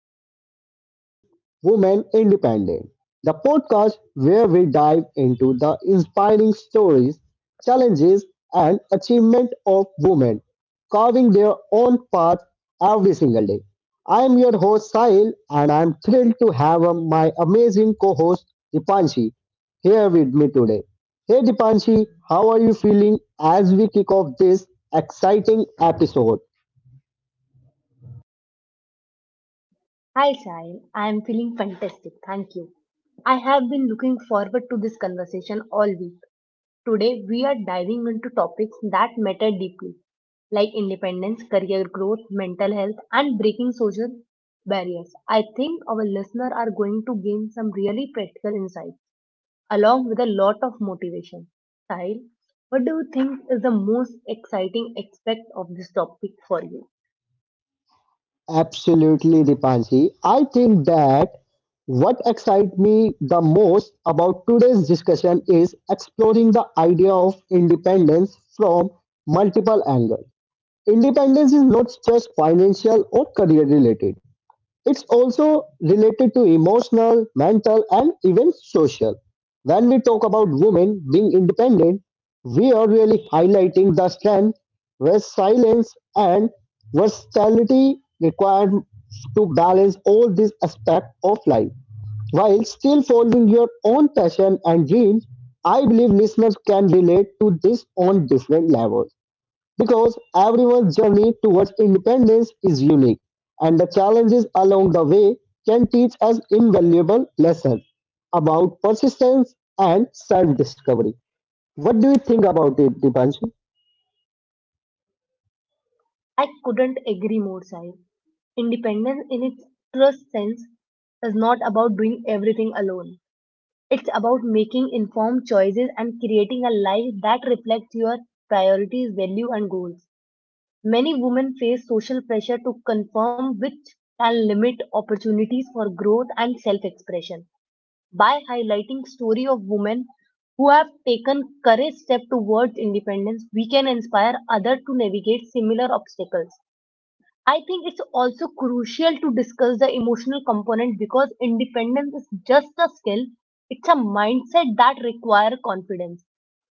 and welcome to Women Independent, the podcast where we dive into the inspiring stories, challenges, and achievement of women carving their own path every single day. I am your host Sahil, and I am thrilled to have my amazing co-host Dipanshi here with me today. Hey Dipanshi, how are you feeling as we kick off this exciting episode? Hi, Sahil. I am feeling fantastic. Thank you. I have been looking forward to this conversation all week. Today, we are diving into topics that matter deeply, like independence, career growth, mental health, and breaking social barriers. I think our listeners are going to gain some really practical insights, along with a lot of motivation. Sahil, what do you think is the most exciting aspect of this topic for you? Absolutely, Dipanshi. I think that what excites me the most about today's discussion is exploring the idea of independence from multiple angles. Independence is not just financial or career related. It's also related to emotional, mental, and even social. When we talk about women being independent, we are really highlighting the strength, resilience, and versatility required to balance all these aspects of life while still following your own passion and dreams. I believe listeners can relate to this on different levels because everyone's journey towards independence is unique, and the challenges along the way can teach us invaluable lessons about persistence and self discovery. What do you think about it, Dipanshi? I couldn't agree more, Sai. Independence in its truest sense is not about doing everything alone. It's about making informed choices and creating a life that reflects your priorities, value and goals. Many women face social pressure to conform which can limit opportunities for growth and self-expression. By highlighting story of women who have taken courage step towards independence, we can inspire others to navigate similar obstacles. I think it's also crucial to discuss the emotional component because independence is just a skill, it's a mindset that requires confidence,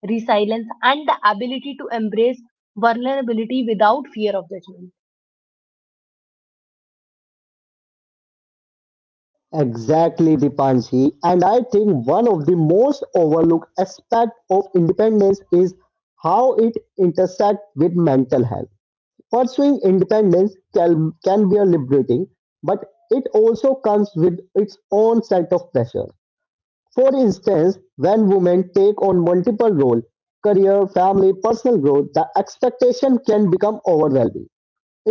resilience, and the ability to embrace vulnerability without fear of judgment. Exactly, Dipanshi. And I think one of the most overlooked aspects of independence is how it intersects with mental health. Pursuing independence can be liberating, but it also comes with its own set of pressure. For instance, when women take on multiple roles, career, family, personal growth, the expectation can become overwhelming.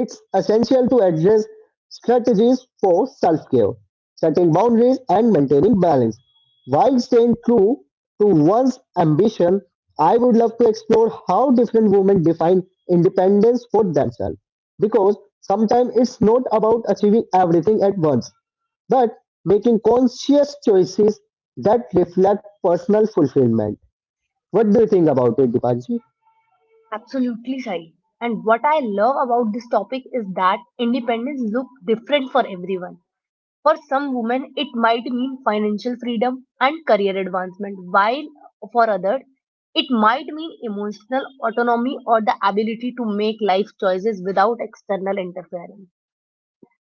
It's essential to address strategies for self-care, setting boundaries and maintaining balance. While staying true to one's ambition, I would love to explore how different women define independence for themselves. Because sometimes it's not about achieving everything at once, but making conscious choices that reflect personal fulfillment. What do you think about it, Dipanji? Absolutely, Sai. And what I love about this topic is that independence looks different for everyone. For some women, it might mean financial freedom and career advancement, while for others, it might mean emotional autonomy or the ability to make life choices without external interference.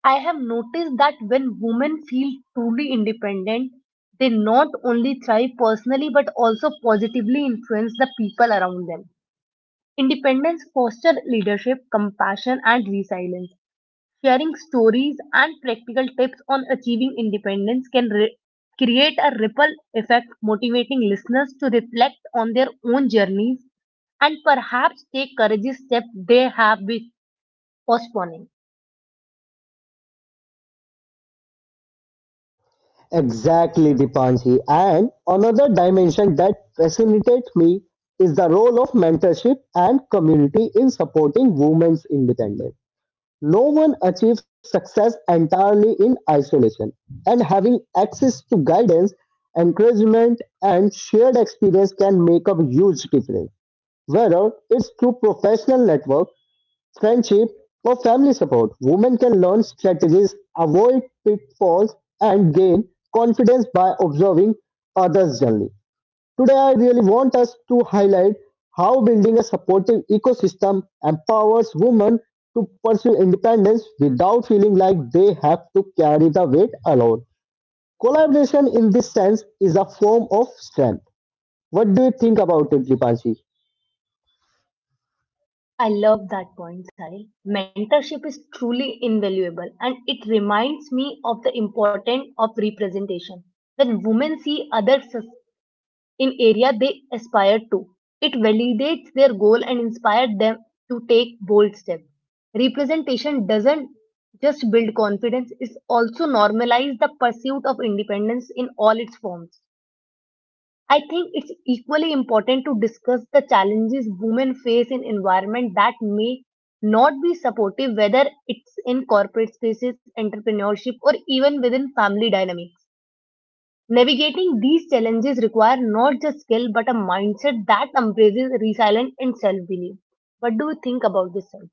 I have noticed that when women feel truly independent, they not only thrive personally but also positively influence the people around them. Independence fosters leadership, compassion, and resilience. Sharing stories and practical tips on achieving independence can create a ripple effect, motivating listeners to reflect on their own journeys and perhaps take courageous steps they have been postponing. Exactly, Dipanji. And another dimension that fascinates me is the role of mentorship and community in supporting women's independence. No one achieves success entirely in isolation, and having access to guidance, encouragement, and shared experience can make a huge difference. Whether it's through professional network, friendship, or family support. Women can learn strategies, avoid pitfalls, and gain confidence by observing others' journey. Today, I really want us to highlight how building a supportive ecosystem empowers women to pursue independence without feeling like they have to carry the weight alone. Collaboration, in this sense, is a form of strength. What do you think about it, Dipanshi? I love that point, Sahil. Mentorship is truly invaluable and it reminds me of the importance of representation. When women see in area they aspire to, it validates their goal and inspires them to take bold steps. Representation doesn't just build confidence, it also normalizes the pursuit of independence in all its forms. I think it's equally important to discuss the challenges women face in environment that may not be supportive, whether it's in corporate spaces, entrepreneurship, or even within family dynamics. Navigating these challenges require not just skill but a mindset that embraces resilience and self belief. What do you think about this, Sai?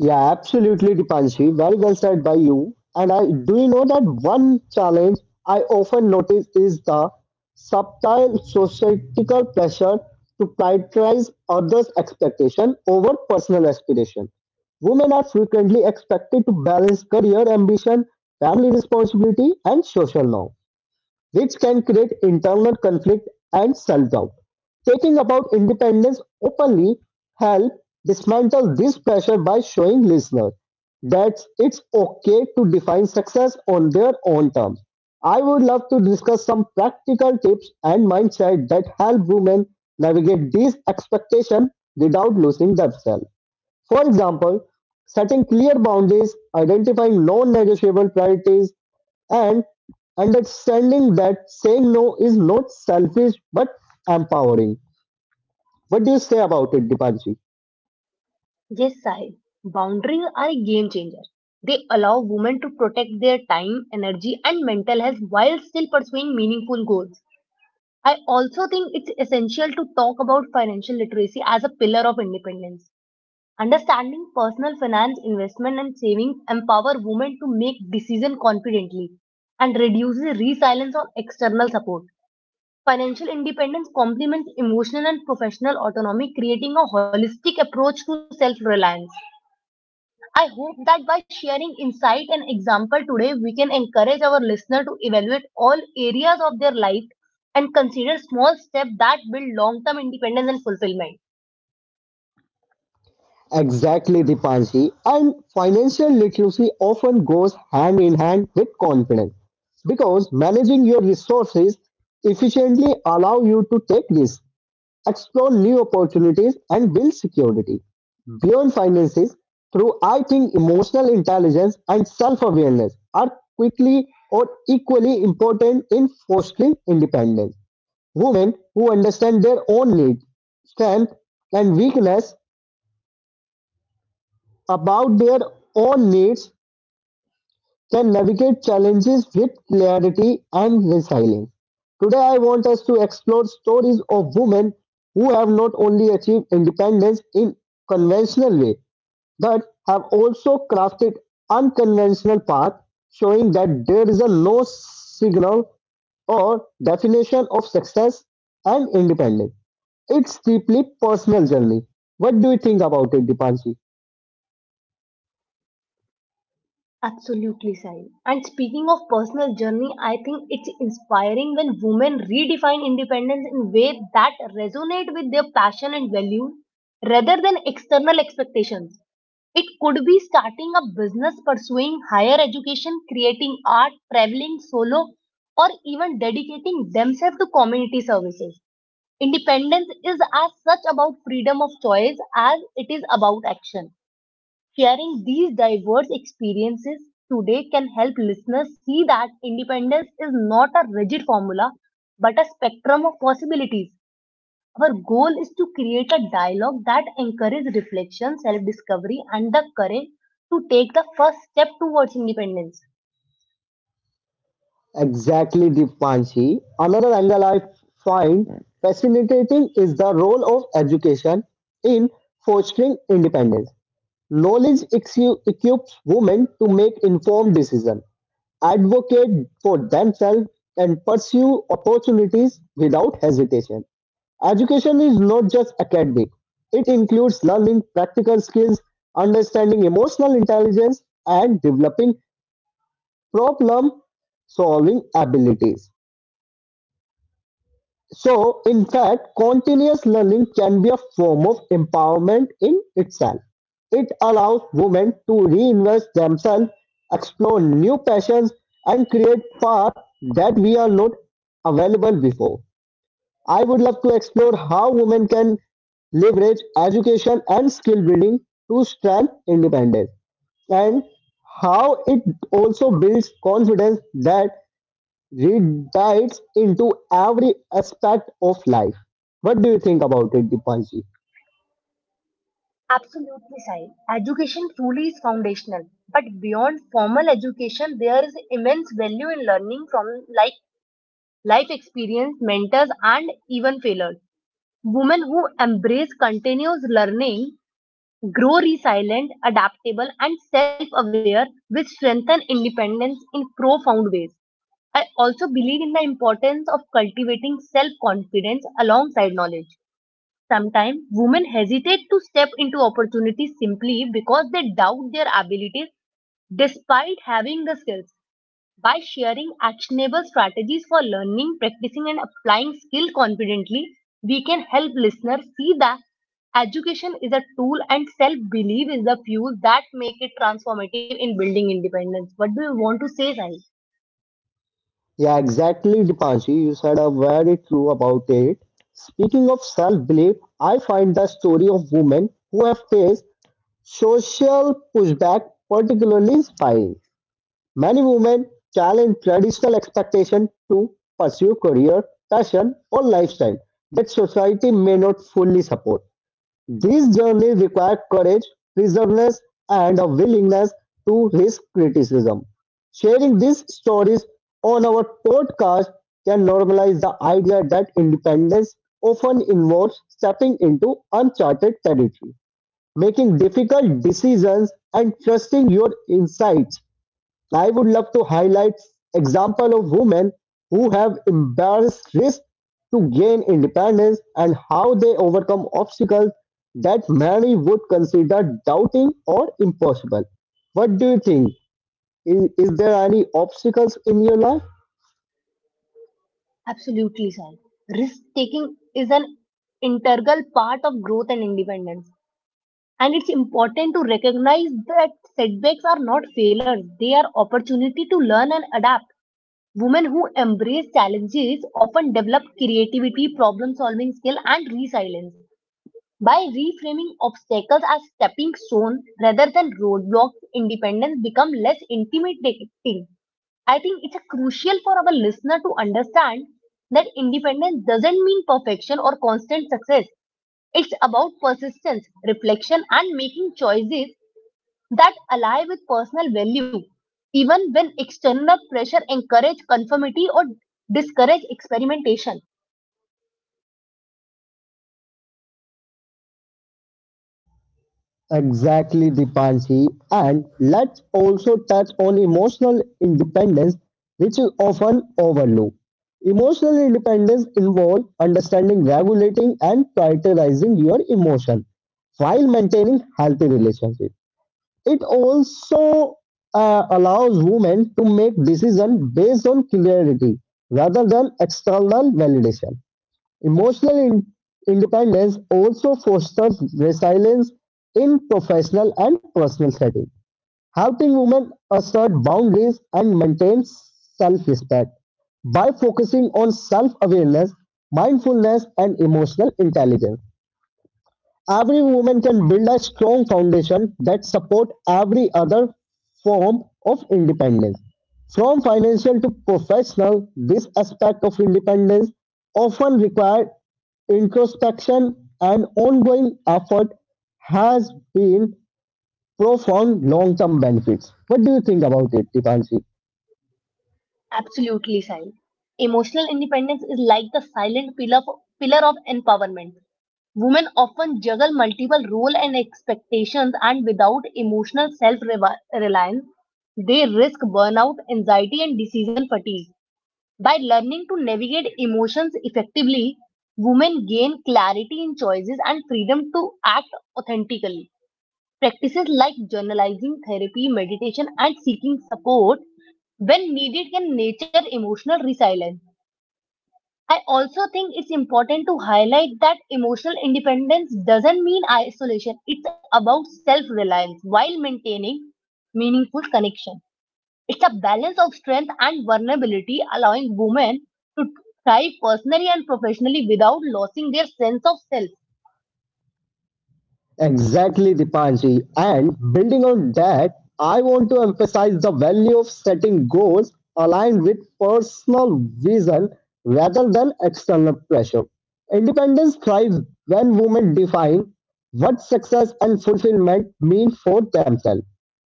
Yeah, absolutely, Dipanshi. Very well said by you. And I do you know that one challenge I often notice is the subtle societal pressure to prioritize others' expectation over personal aspiration. Women are frequently expected to balance career ambition, family responsibility, and social norm which can create internal conflict and self doubt. Taking about independence openly help dismantle this pressure by showing listeners that it's okay to define success on their own terms. I would love to discuss some practical tips and mindset that help women navigate these expectations without losing themselves. For example, setting clear boundaries, identifying non-negotiable priorities, and understanding that saying no is not selfish but empowering. What do you say about it, Dipanji? Yes, Sai. Boundaries are a game changer. They allow women to protect their time, energy, and mental health while still pursuing meaningful goals. I also think it's essential to talk about financial literacy as a pillar of independence. Understanding personal finance, investment, and saving empower women to make decisions confidently and reduces reliance on external support. Financial independence complements emotional and professional autonomy, creating a holistic approach to self reliance. I hope that by sharing insight and example today, we can encourage our listener to evaluate all areas of their life and consider small steps that build long term independence and fulfillment. Exactly, Dipanji. And financial literacy often goes hand in hand with confidence because managing your resources efficiently allow you to take risks explore new opportunities, and build security beyond finances through I think emotional intelligence and self-awareness are quickly or equally important in fostering independence. Women who understand their own needs, strength and weakness about their own needs can navigate challenges with clarity and resilience. Today, I want us to explore stories of women who have not only achieved independence in conventional way, but have also crafted unconventional path, showing that there is a no signal or definition of success and independence. It's deeply personal journey. What do you think about it, Dipanshi? Absolutely, Sai. And speaking of personal journey, I think it's inspiring when women redefine independence in ways that resonate with their passion and values rather than external expectations. It could be starting a business, pursuing higher education, creating art, traveling solo, or even dedicating themselves to community services. Independence is as such about freedom of choice as it is about action. Sharing these diverse experiences today can help listeners see that independence is not a rigid formula but a spectrum of possibilities. Our goal is to create a dialogue that encourages reflection, self discovery, and the courage to take the first step towards independence. Exactly, Dipanshi. Another angle I find fascinating is the role of education in fostering independence. Knowledge equips women to make informed decisions, advocate for themselves, and pursue opportunities without hesitation. Education is not just academic, it includes learning practical skills, understanding emotional intelligence, and developing problem solving abilities. So, in fact, continuous learning can be a form of empowerment in itself. It allows women to reinvest themselves, explore new passions, and create paths that we are not available before. I would love to explore how women can leverage education and skill building to strengthen independence and how it also builds confidence that radiates into every aspect of life. What do you think about it, Dipanji? Absolutely, Sai. Education truly is foundational, but beyond formal education, there is immense value in learning from, like, life experience, mentors, and even failures. Women who embrace continuous learning grow resilient, adaptable, and self aware, which strengthen independence in profound ways. I also believe in the importance of cultivating self confidence alongside knowledge. Sometimes women hesitate to step into opportunities simply because they doubt their abilities despite having the skills. By sharing actionable strategies for learning, practicing, and applying skill confidently, we can help listeners see that education is a tool and self belief is the fuel that make it transformative in building independence. What do you want to say, Sai? Yeah, exactly, Dipanji. You said a very true about it. Speaking of self-belief, I find the story of women who have faced social pushback particularly inspiring. Many women challenge traditional expectation to pursue career, passion, or lifestyle that society may not fully support. This journey required courage, perseverance, and a willingness to risk criticism. Sharing these stories on our podcast can normalize the idea that independence often involves stepping into uncharted territory, making difficult decisions, and trusting your insights I would love to highlight example of women who have embraced risk to gain independence and how they overcome obstacles that many would consider doubting or impossible. What do you think? Is there any obstacles in your life? Absolutely, Sai. Risk taking is an integral part of growth and independence. And it's important to recognize that setbacks are not failures, they are opportunity to learn and adapt. Women who embrace challenges often develop creativity, problem solving skill, and resilience. By reframing obstacles as stepping stone rather than roadblocks, independence becomes less intimidating. I think it's a crucial for our listener to understand that independence doesn't mean perfection or constant success. It's about persistence, reflection, and making choices that align with personal value, even when external pressure encourage conformity or discourage experimentation. Exactly, Dipanshi. And let's also touch on emotional independence, which is often overlooked. Emotional independence involves understanding, regulating, and prioritizing your emotion while maintaining healthy relationships. It also allows women to make decisions based on clarity rather than external validation. Emotional independence also fosters resilience in professional and personal settings, helping women assert boundaries and maintain self-respect. By focusing on self-awareness, mindfulness, and emotional intelligence, every woman can build a strong foundation that supports every other form of independence. From financial to professional, this aspect of independence often requires introspection and ongoing effort has been profound long-term benefits. What do you think about it, Dipanshi? Absolutely, Sahil. Emotional independence is like the silent pillar of empowerment. Women often juggle multiple roles and expectations, and without emotional self reliance, they risk burnout, anxiety, and decision fatigue. By learning to navigate emotions effectively, women gain clarity in choices and freedom to act authentically. Practices like journalizing, therapy, meditation, and seeking support when needed can nurture emotional resilience. I also think it's important to highlight that emotional independence doesn't mean isolation, it's about self reliance while maintaining meaningful connection. It's a balance of strength and vulnerability, allowing women to thrive personally and professionally without losing their sense of self. Exactly, Dipanshi. And building on that, I want to emphasize the value of setting goals aligned with personal vision rather than external pressure. Independence thrives when women define what success and fulfillment mean for themselves.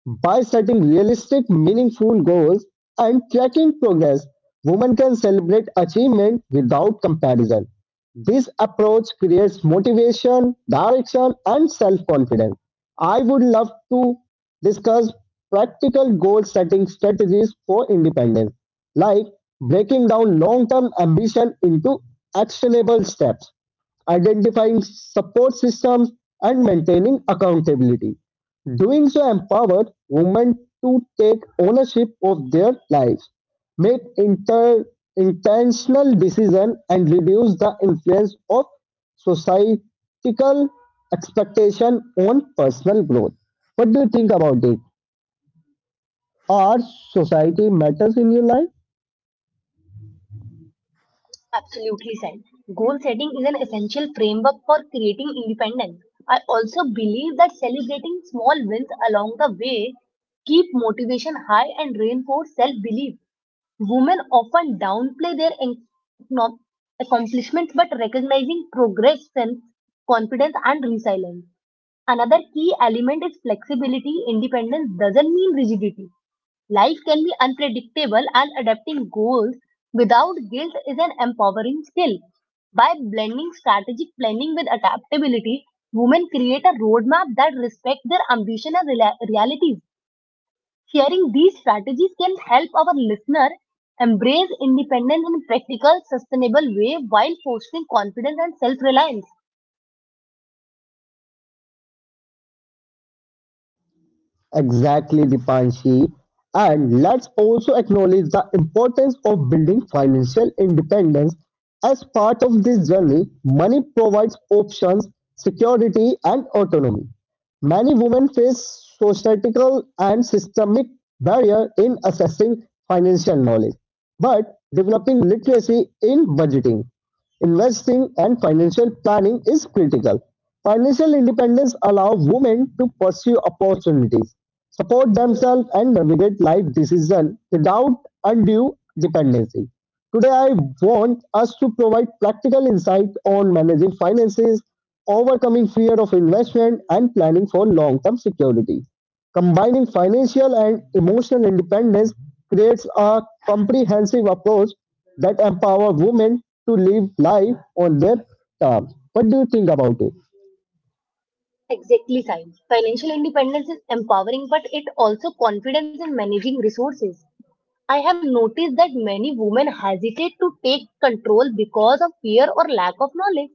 By setting realistic, meaningful goals and tracking progress, women can celebrate achievement without comparison. This approach creates motivation, direction, and self confidence. I would love to discuss practical goal setting strategies for independence, like breaking down long term ambition into actionable steps identifying support systems, and maintaining accountability. Doing so empowered women to take ownership of their lives, make intentional decisions, and reduce the influence of societal expectation on personal growth. What do you think about it? Our society matters in your life? Absolutely, Sai. Goal setting is an essential framework for creating independence. I also believe that celebrating small wins along the way keep motivation high and reinforce self-belief. Women often downplay their no- accomplishments, but recognizing progress strengthens confidence and resilience. Another key element is flexibility. Independence doesn't mean rigidity. Life can be unpredictable and adapting goals without guilt is an empowering skill. By blending strategic planning with adaptability, women create a roadmap that respects their ambition as realities. Sharing these strategies can help our listener embrace independence in a practical, sustainable way while fostering confidence and self-reliance. Exactly, Dipanshi. And let's also acknowledge the importance of building financial independence as part of this journey. Money provides options, security, and autonomy. Many women face societal and systemic barrier in accessing financial knowledge, but developing literacy in budgeting Investing and financial planning is critical. Financial independence allows women to pursue opportunities, support themselves, and navigate life decisions without undue dependency. Today, I want us to provide practical insight on managing finances, overcoming fear of investment, and planning for long term security. Combining financial and emotional independence creates a comprehensive approach that empower women to live life on their terms. What do you think about it? Exactly, Sai. Financial independence is empowering, but it also confidence in managing resources. I have noticed that many women hesitate to take control because of fear or lack of knowledge.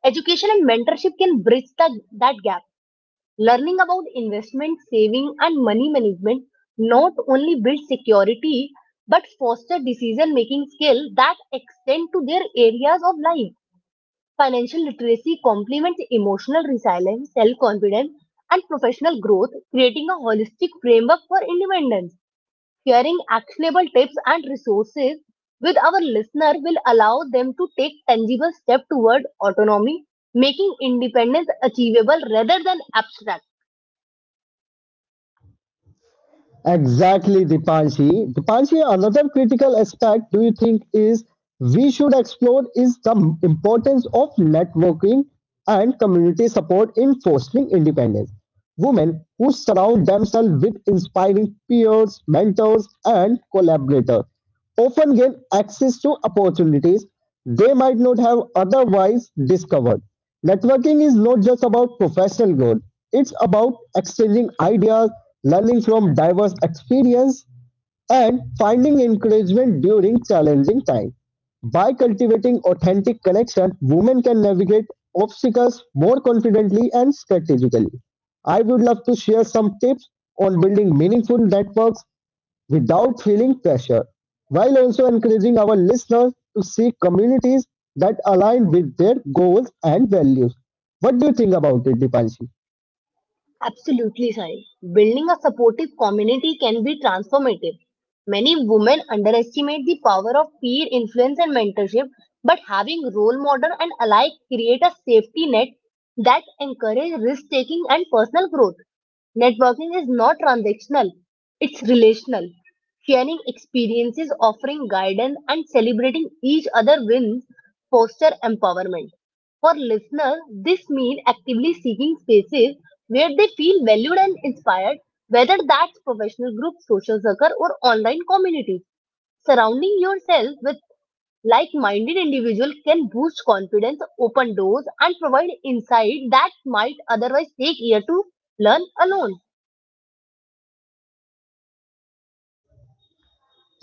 Education and mentorship can bridge that gap. Learning about investment, saving, and money management not only builds security but foster decision making skill that extend to their areas of life. Financial literacy complements emotional resilience, self confidence, and professional growth, creating a holistic framework for independence. Sharing actionable tips and resources with our listener will allow them to take tangible steps toward autonomy, making independence achievable rather than abstract. Exactly, Dipanshi. Dipanshi, another critical aspect do you think is we should explore is the importance of networking and community support in fostering independence. Women who surround themselves with inspiring peers, mentors, and collaborators often gain access to opportunities they might not have otherwise discovered. Networking is not just about professional growth, it's about exchanging ideas, learning from diverse experience, and finding encouragement during challenging times. By cultivating authentic connection, women can navigate obstacles more confidently and strategically. I would love to share some tips on building meaningful networks without feeling pressure, while also encouraging our listeners to seek communities that align with their goals and values. What do you think about it, Dipanshi? Absolutely, Sai. Building a supportive community can be transformative. Many women underestimate the power of peer influence and mentorship, but having role model and alike create a safety net that encourage risk taking and personal growth. Networking is not transactional, it's relational. Sharing experiences, offering guidance, and celebrating each other wins foster empowerment. For listeners, this means actively seeking spaces where they feel valued and inspired, whether that's professional groups, social circle, or online communities. Surrounding yourself with like minded individuals can boost confidence, open doors, and provide insight that might otherwise take years to learn alone.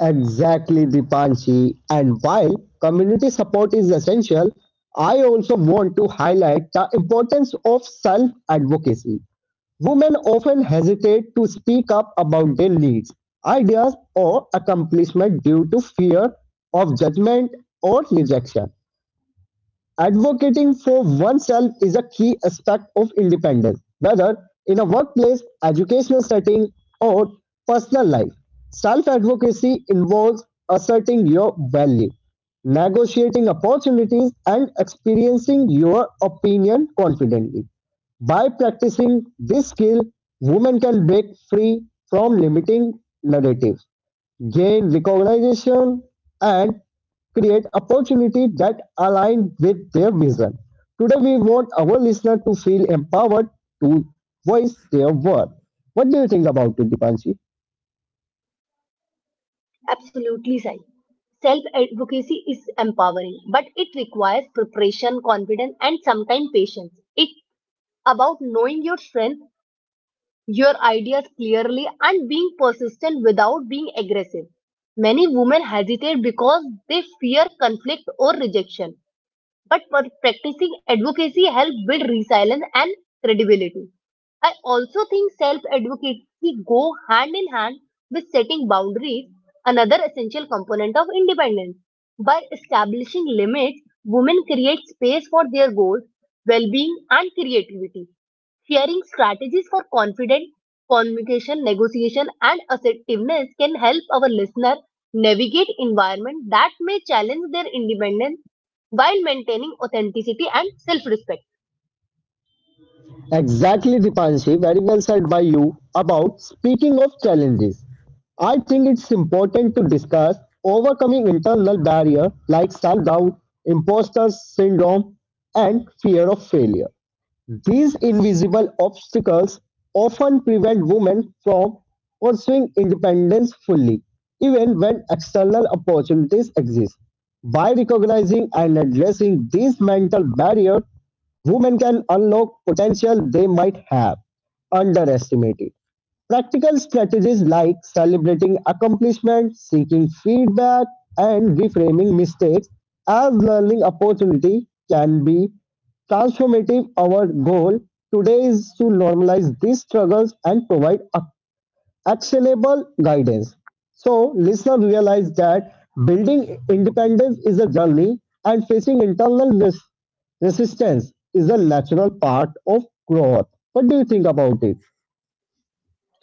Exactly, Dipanshi. And while community support is essential, I also want to highlight the importance of self advocacy. Women often hesitate to speak up about their needs, ideas, or accomplishment due to fear of judgment or rejection. Advocating for oneself is a key aspect of independence, whether in a workplace, educational setting, or personal life. Self advocacy involves asserting your value, negotiating opportunities, and experiencing your opinion confidently. By practicing this skill, women can break free from limiting narratives gain recognition and create opportunity that align with their vision. Today we want our listener to feel empowered to voice their word. What do you think about it, Dipanshi? Absolutely, Sai. Self advocacy is empowering, but it requires preparation, confidence, and sometimes patience. It's about knowing your strength your ideas clearly and being persistent without being aggressive. Many women hesitate because they fear conflict or rejection, but practicing advocacy helps build resilience and credibility. I also think self-advocacy go hand in hand with setting boundaries, another essential component of independence. By establishing limits, women create space for their goals, well-being, and creativity. Sharing strategies for confident communication, negotiation, and assertiveness can help our listener navigate environment that may challenge their independence while maintaining authenticity and self-respect. Exactly, Dipanshi, very well said by you about speaking of challenges. I think it's important to discuss overcoming internal barrier like self-doubt, imposter syndrome, and fear of failure. These invisible obstacles often prevent women from pursuing independence fully, even when external opportunities exist. By recognizing and addressing these mental barriers, Women can unlock potential they might have underestimated. Practical strategies like celebrating accomplishments, seeking feedback, and reframing mistakes as learning opportunity can be transformative. Our goal today is to normalize these struggles and provide a actionable guidance. So, listener, realize that building independence is a journey and facing resistance is a natural part of growth. What do you think about it?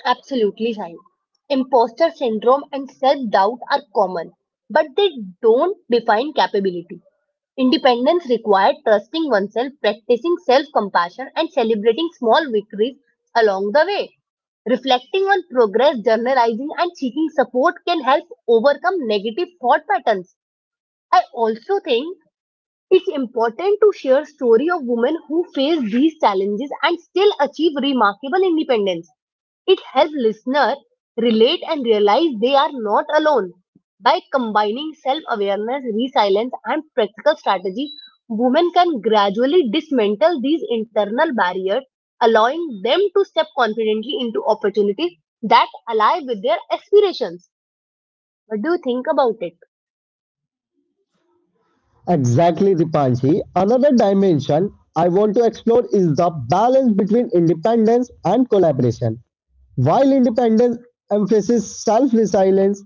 Absolutely right. Imposter syndrome and self doubt are common, but they don't define capability. Independence requires trusting oneself, practicing self compassion, and celebrating small victories along the way. Reflecting on progress, journalizing, and seeking support can help overcome negative thought patterns. I also think it's important to share story of women who face these challenges and still achieve remarkable independence. It helps listeners relate and realize they are not alone. By combining self-awareness, resilience, and practical strategies, women can gradually dismantle these internal barriers, allowing them to step confidently into opportunities that align with their aspirations. What do you think about it? Exactly, Dipanji. Another dimension I want to explore is the balance between independence and collaboration. While independence emphasizes self resilience,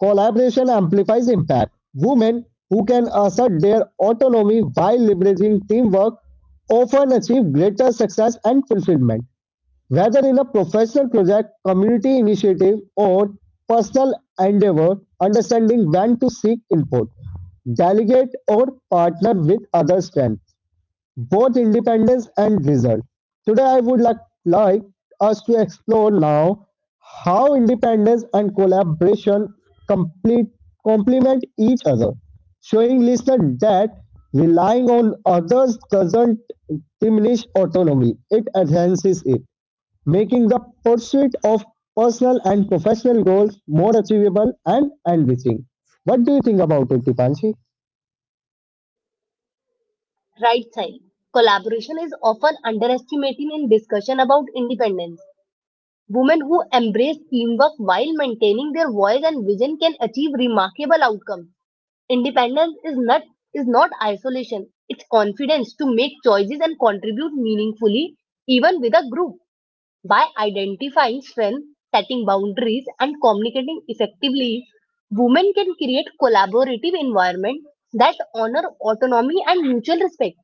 collaboration amplifies impact. Women who can assert their autonomy while leveraging teamwork often achieve greater success and fulfillment, whether in a professional project, community initiative, or personal endeavor, understanding when to seek input, delegate, or partner with other strengths, both independence and result. Today, I would like us to explore now how independence and collaboration complete, complement each other, showing listener that relying on others doesn't diminish autonomy, it enhances it, making the pursuit of personal and professional goals more achievable and enriching. What do you think about it, Dipanshi? Right, side. Collaboration is often underestimated in discussion about independence. Women who embrace teamwork while maintaining their voice and vision can achieve remarkable outcomes. Independence is not isolation. It's confidence to make choices and contribute meaningfully even with a group. By identifying strengths, setting boundaries and communicating effectively, women can create collaborative environments that honor autonomy and mutual respect.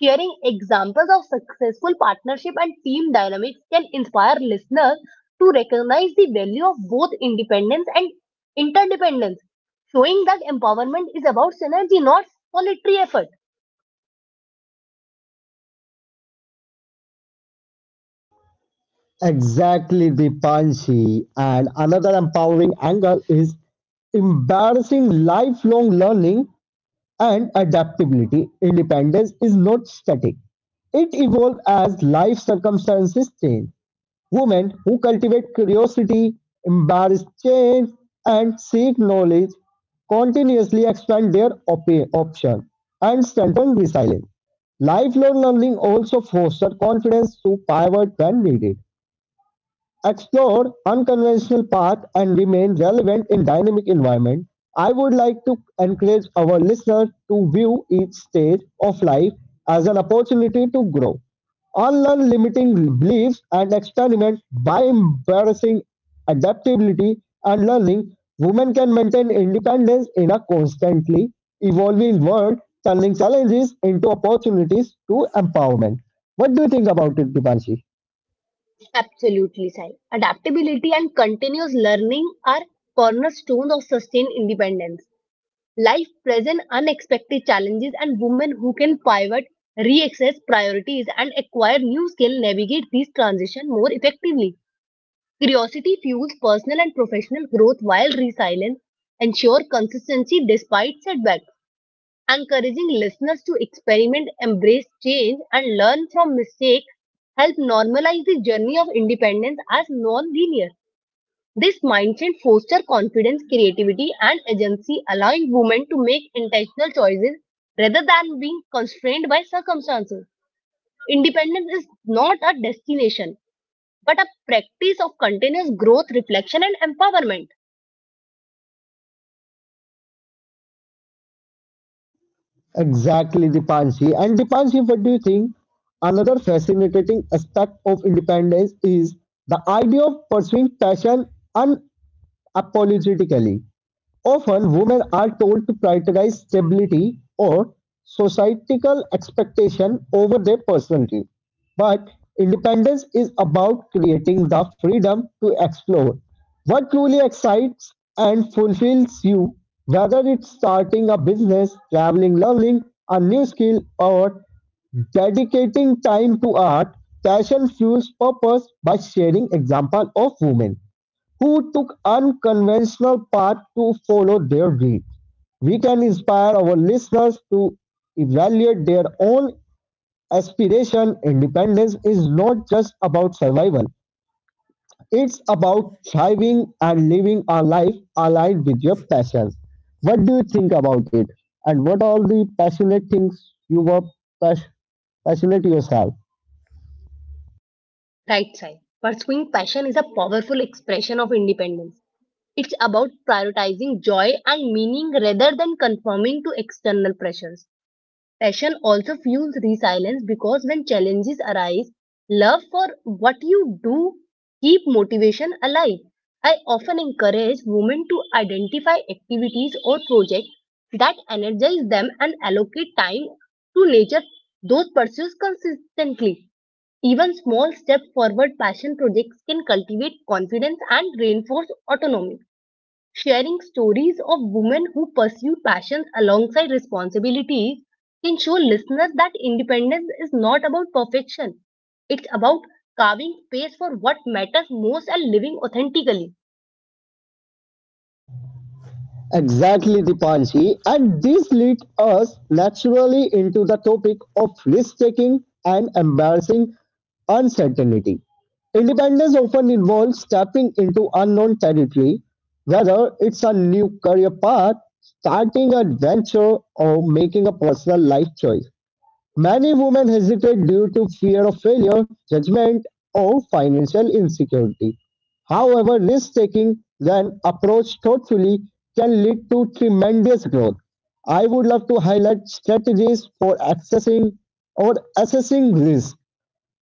Sharing examples of successful partnership and team dynamics can inspire listeners to recognize the value of both independence and interdependence, showing that empowerment is about synergy, not solitary effort. Exactly, Dipanshi. And another empowering angle is embarrassing lifelong learning and adaptability, independence is not static. It evolves as life circumstances change. Women who cultivate curiosity, embrace change, and seek knowledge continuously expand their options and strengthen resilience. Lifelong learning also fosters confidence to pivot when needed explore unconventional paths and remain relevant in dynamic environment. I would like to encourage our listeners to view each stage of life as an opportunity to grow, unlearn limiting beliefs, and experiment by embracing adaptability and learning. Women can maintain independence in a constantly evolving world, turning challenges into opportunities to empowerment. What do you think about it, Dipanshi? Absolutely, Sai. Adaptability and continuous learning are cornerstones of sustained independence. Life presents unexpected challenges, and women who can pivot, reassess priorities, and acquire new skills navigate these transitions more effectively. Curiosity fuels personal and professional growth while resilience ensures consistency despite setbacks, encouraging listeners to experiment, embrace change, and learn from mistakes help normalize the journey of independence as non-linear. This mindset fosters confidence, creativity, and agency, allowing women to make intentional choices rather than being constrained by circumstances. Independence is not a destination but a practice of continuous growth, reflection, and empowerment. Exactly, Dipanshi. And Dipanshi, what do you think? Another fascinating aspect of independence is the idea of pursuing passion unapologetically. Often, women are told to prioritize stability societal expectation over their personality. But independence is about creating the freedom to explore what truly excites and fulfills you, whether it's starting a business, traveling, learning a new skill, or dedicating time to art, Cashel fuels purpose by sharing example of women who took unconventional path to follow their dream, we can inspire our listeners to evaluate their own aspiration. Independence is not just about survival. It's about thriving and living a life aligned with your passions. What do you think about it? And what are the passionate things you were pas- passionate yourself? Right, Sai. Pursuing passion is a powerful expression of independence. It's about prioritizing joy and meaning rather than conforming to external pressures. Passion also fuels resilience because when challenges arise, love for what you do keep motivation alive. I often encourage women to identify activities or projects that energize them and allocate time to nature those pursuits consistently. Even small step forward passion projects can cultivate confidence and reinforce autonomy. Sharing stories of women who pursue passions alongside responsibilities can show listeners that independence is not about perfection. It's about carving space for what matters most and living authentically. Exactly, Dipanshi. And this leads us naturally into the topic of risk taking and embarrassing uncertainty. Independence often involves stepping into unknown territory, whether it's a new career path, starting an adventure, or making a personal life choice. Many women hesitate due to fear of failure, judgment, or financial insecurity. However, risk-taking when approached thoughtfully can lead to tremendous growth. I would love to highlight strategies for accessing or assessing risk,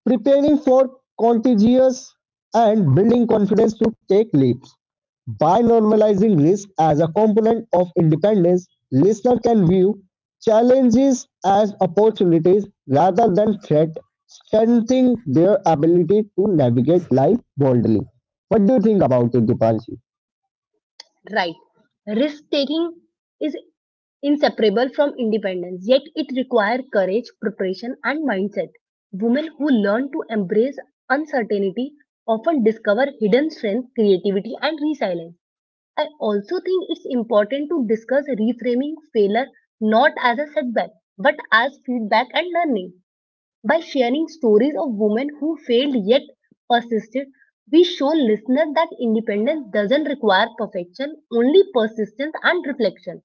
preparing for contagious and building confidence to take leaps. By normalizing risk as a component of independence, listener can view challenges as opportunities rather than threats, strengthening their ability to navigate life boldly. What do you think about it, Dipanshi? Right. Risk taking is inseparable from independence, yet it requires courage, preparation, and mindset. Women who learn to embrace uncertainty often discover hidden strength, creativity, and resilience. I also think it's important to discuss reframing failure not as a setback, but as feedback and learning. By sharing stories of women who failed yet persisted, we show listeners that independence doesn't require perfection, only persistence and reflection.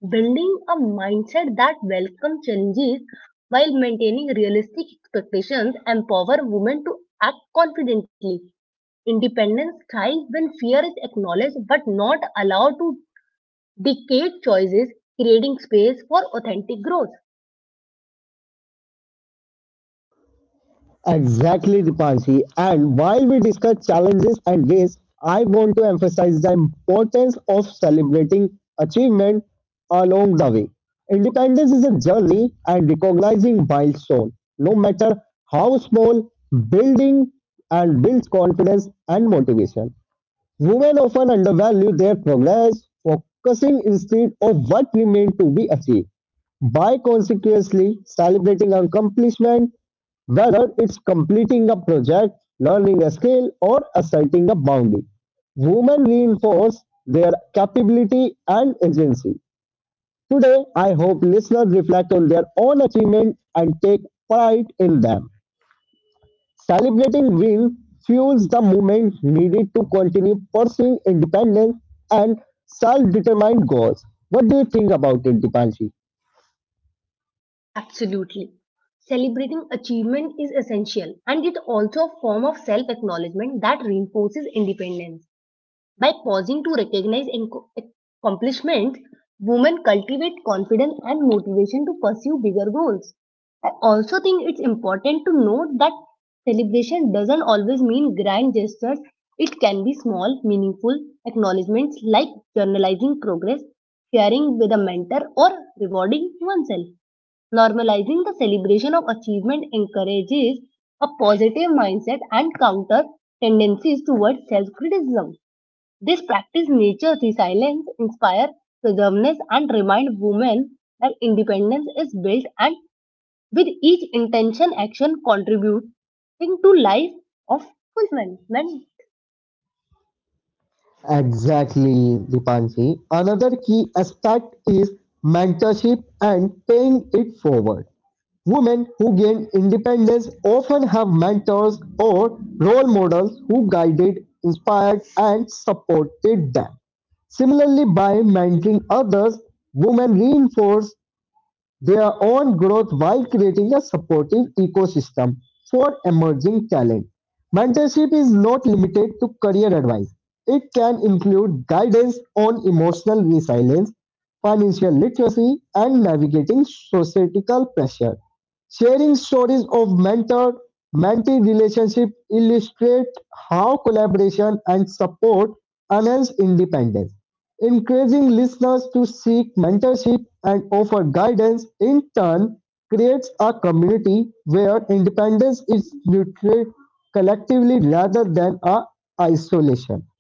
Building a mindset that welcomes challenges while maintaining realistic expectations empower women to act confidently. Independence thrives when fear is acknowledged but not allowed to dictate choices, creating space for authentic growth. Exactly, Dipanshi. And while we discuss challenges and ways, I want to emphasize the importance of celebrating achievement along the way. Independence is a journey, and recognizing milestone, no matter how small, building and builds confidence and motivation. Women often undervalue their progress, focusing instead on what remains to be achieved. By consequently celebrating accomplishment, whether it's completing a project, learning a skill, or asserting a boundary, women reinforce their capability and agency. Today, I hope listeners reflect on their own achievement and take pride in them. Celebrating win fuels the movement needed to continue pursuing independence and self-determined goals. What do you think about it, Dipanshi? Absolutely. Celebrating achievement is essential and it's also a form of self acknowledgement that reinforces independence. By pausing to recognize accomplishments, women cultivate confidence and motivation to pursue bigger goals. I also think it's important to note that celebration doesn't always mean grand gestures. It can be small, meaningful acknowledgments like journalizing progress, sharing with a mentor, or rewarding oneself. Normalizing the celebration of achievement encourages a positive mindset and counter tendencies towards self criticism. This practice nurtures resilience, inspires preserveness, and reminds women that independence is built and with each intention action contributing to life of fulfillment. Exactly, Dipanshi. Another key aspect is mentorship and paying it forward. Women who gain independence often have mentors or role models who guided, inspired, and supported them. Similarly, by mentoring others, women reinforce their own growth while creating a supportive ecosystem for emerging talent. Mentorship is not limited to career advice. It can include guidance on emotional resilience, financial literacy, and navigating societal pressure. Sharing stories of mentor mentee relationship illustrate how collaboration and support enhance independence. Encouraging listeners to seek mentorship and offer guidance in turn creates a community where independence is nurtured collectively rather than a isolation,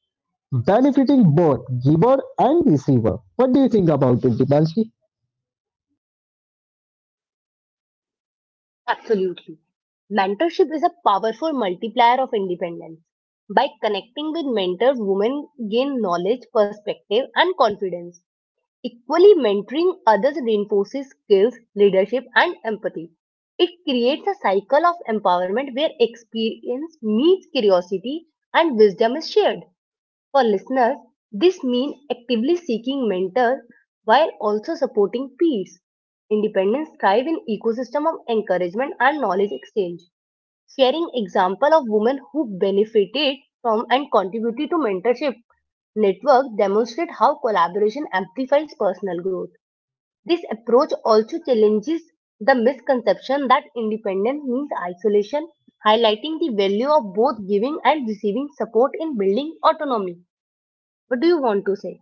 benefiting both giver and receiver. What do you think about it, Dipanshi? Absolutely. Mentorship is a powerful multiplier of independence. By connecting with mentors, women gain knowledge, perspective, and confidence. Equally, mentoring others reinforces skills, leadership, and empathy. It creates a cycle of empowerment where experience meets curiosity and wisdom is shared. For listeners, this means actively seeking mentors while also supporting peers. Independence thrives in ecosystem of encouragement and knowledge exchange sharing example of women who benefited from and contributed to mentorship network demonstrate how collaboration amplifies personal growth. This approach also challenges the misconception that independence means isolation, highlighting the value of both giving and receiving support in building autonomy. What do you want to say?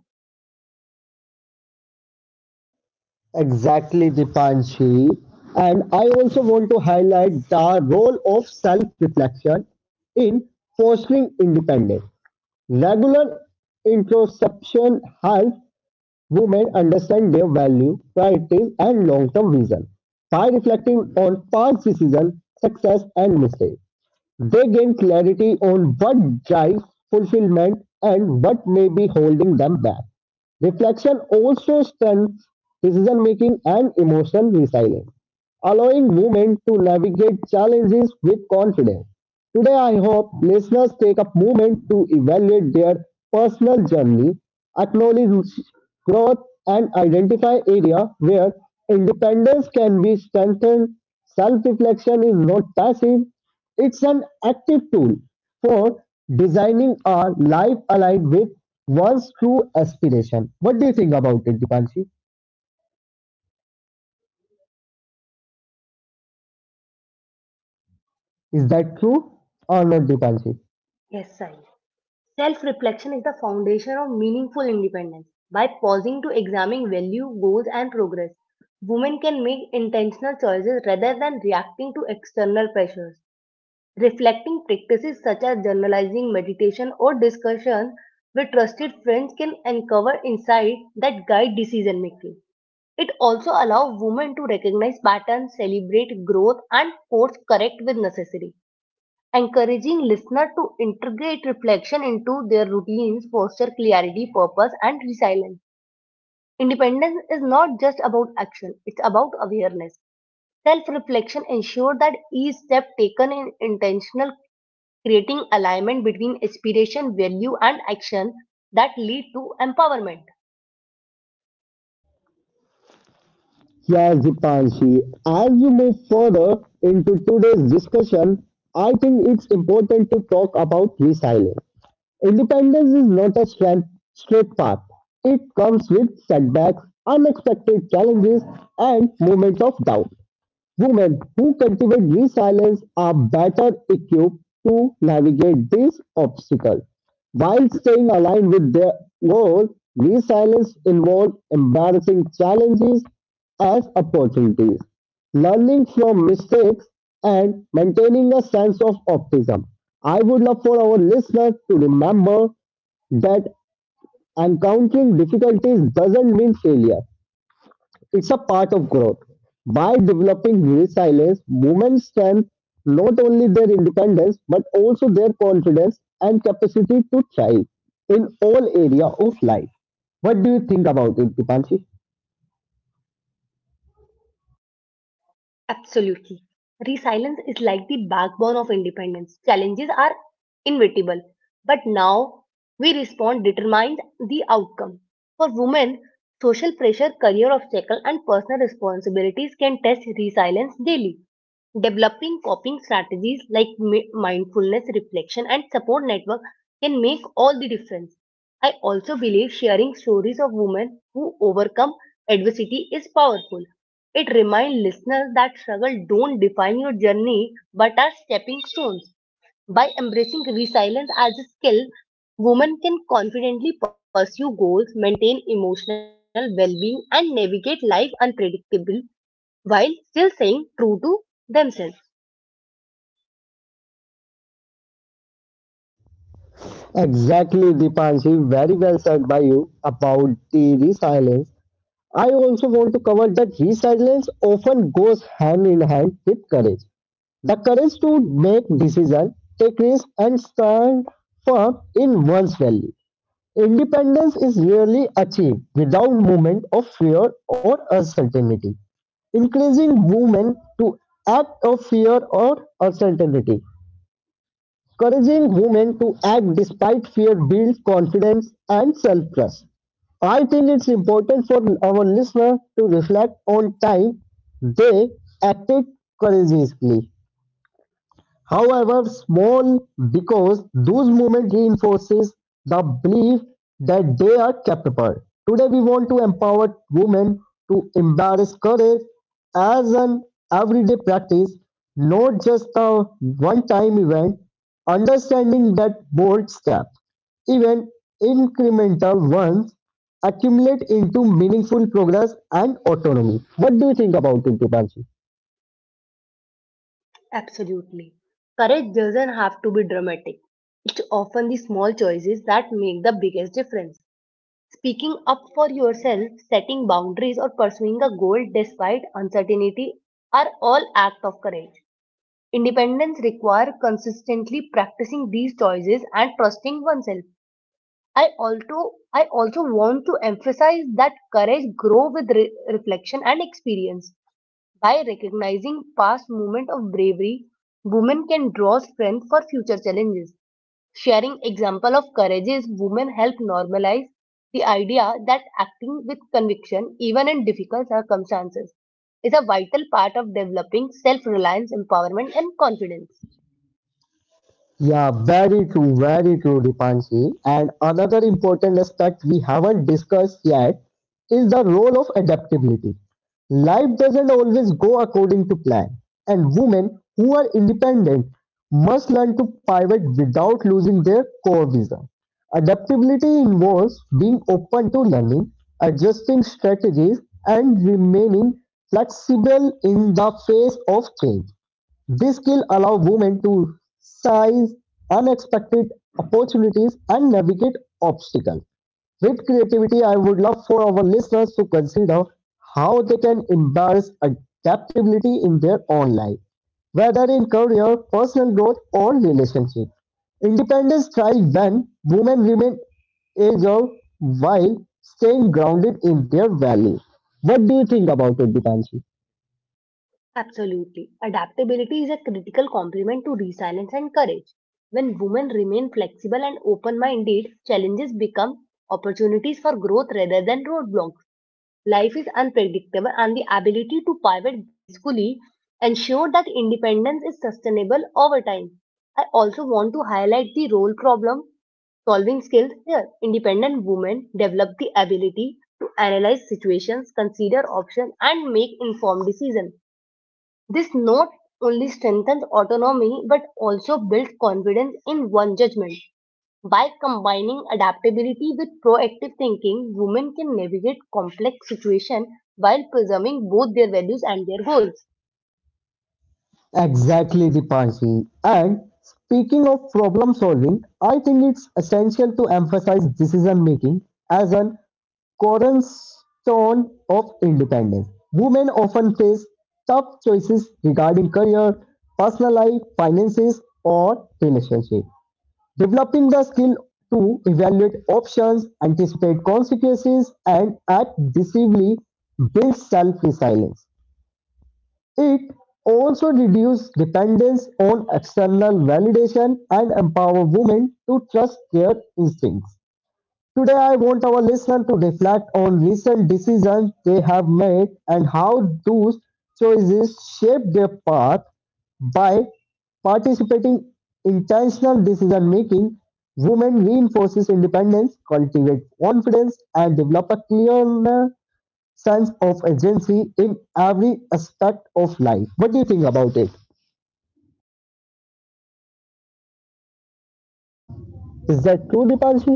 Exactly, Dipanshi. And I also want to highlight the role of self-reflection in fostering independence. Regular introspection helps women understand their value, priorities, and long-term vision by reflecting on past decisions, success, and mistakes. They gain clarity on what drives fulfillment and what may be holding them back. Reflection also strengthens decision making and emotional resilience, allowing movement to navigate challenges with confidence. Today, I hope listeners take a moment to evaluate their personal journey, acknowledge growth, and identify areas where independence can be strengthened. Self reflection is not passive, it's an active tool for designing a life aligned with one's true aspiration. What do you think about it, Dipanshi? Is that true or not, Dipanshi? Yes, Sai. Self reflection is the foundation of meaningful independence. By pausing to examine value, goals, and progress, women can make intentional choices rather than reacting to external pressures. Reflecting practices such as journalizing, meditation, or discussion with trusted friends can uncover insights that guide decision making. It also allows women to recognize patterns, celebrate growth, and course correct when necessary, encouraging listener to integrate reflection into their routines foster clarity purpose and resilience. Independence is not just about action, it's about awareness. Self-reflection ensure that each step taken in intentional, creating alignment between aspiration value and action that lead to empowerment. Yes, Dipanshi. As we move further into today's discussion, I think it's important to talk about resilience. Independence is not a straight path. It comes with setbacks, unexpected challenges, and moments of doubt. Women who cultivate resilience are better equipped to navigate these obstacles. While staying aligned with their goal, resilience involves embarrassing challenges as opportunities, learning from mistakes, and maintaining a sense of optimism. I would love for our listeners to remember that encountering difficulties doesn't mean failure. It's a part of growth. By developing resilience, women strengthen not only their independence but also their confidence and capacity to thrive in all area of life. What do you think about it, Dipanshi? Absolutely. Resilience is like the backbone of independence. Challenges are inevitable, but now we respond determines the outcome. For women, social pressure, career obstacle, and personal responsibilities can test resilience daily. Developing coping strategies like mindfulness, reflection, and support network can make all the difference. I also believe sharing stories of women who overcome adversity is powerful. It reminds listeners that struggle don't define your journey but are stepping stones. By embracing resilience as a skill, women can confidently pursue goals, maintain emotional well-being, and navigate life unpredictable while still staying true to themselves. Exactly, Dipanshi. Very well said by you about the resilience. I also want to cover that resilience often goes hand in hand with courage. The courage to make decisions, take risks, and stand firm in one's value. Independence is rarely achieved without movement of fear or uncertainty. Encouraging women to act of fear or uncertainty. Encouraging women to act despite fear builds confidence and self-trust. I think it's important for our listener to reflect on time they acted courageously however small, because those moments reinforces the belief that they are capable. Today we want to empower women to embrace courage as an everyday practice, not just a one-time event, understanding that bold steps, even incremental ones, accumulate into meaningful progress and autonomy. What do you think about it, Dipanshi? Absolutely. Courage doesn't have to be dramatic. It's often the small choices that make the biggest difference. Speaking up for yourself, setting boundaries, or pursuing a goal despite uncertainty are all acts of courage. Independence requires consistently practicing these choices and trusting oneself. I also want to emphasize that courage grows with reflection and experience. By recognizing past moments of bravery, women can draw strength for future challenges. Sharing example of courageous women help normalize the idea that acting with conviction, even in difficult circumstances, is a vital part of developing self-reliance, empowerment, and confidence. Yeah, very true, Dipanshi. And another important aspect we haven't discussed yet is the role of adaptability. Life doesn't always go according to plan, and women who are independent must learn to pivot without losing their core vision. Adaptability involves being open to learning, adjusting strategies, and remaining flexible in the face of change. This skill allows women to seize unexpected opportunities and navigate obstacles. With creativity, I would love for our listeners to consider how they can embrace adaptability in their own life, whether in career, personal growth, or relationship. Independence thrives when women remain agile while staying grounded in their values. What do you think about it, Dipanshi? Absolutely. Adaptability is a critical complement to resilience and courage. When women remain flexible and open-minded, challenges become opportunities for growth rather than roadblocks. Life is unpredictable, and the ability to pivot gracefully ensure that independence is sustainable over time. I also want to highlight the role problem solving skills here. Independent women develop the ability to analyze situations, consider options, and make informed decisions. This not only strengthens autonomy but also builds confidence in one judgment. By combining adaptability with proactive thinking, women can navigate complex situations while preserving both their values and their goals. Exactly, Dipanshi. And speaking of problem solving, I think it's essential to emphasize decision making as an cornerstone of independence. Women often face tough choices regarding career, personal life, finances, or relationship. Developing the skill to evaluate options, anticipate consequences, and act decisively builds self-resilience. It also reduces dependence on external validation and empower women to trust their instincts. Today, I want our listeners to reflect on recent decisions they have made and how those choices shape their path by participating intentional decision making women reinforces independence cultivate confidence and develop a clear sense of agency in every aspect of life. What do you think about it? Is that true, Dipanshi?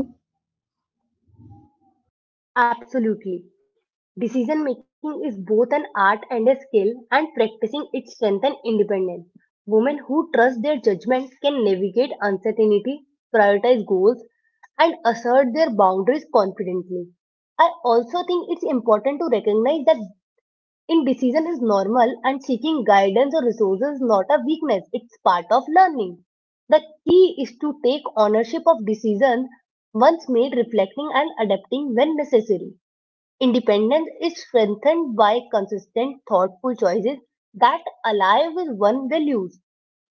Absolutely. Decision making is both an art and a skill, and practicing it strengthens independence. Women who trust their judgment can navigate uncertainty, prioritize goals, and assert their boundaries confidently. I also think it's important to recognize that indecision is normal and seeking guidance or resources is not a weakness, it's part of learning. The key is to take ownership of decisions once made, reflecting and adapting when necessary. Independence is strengthened by consistent, thoughtful choices that align with one's values.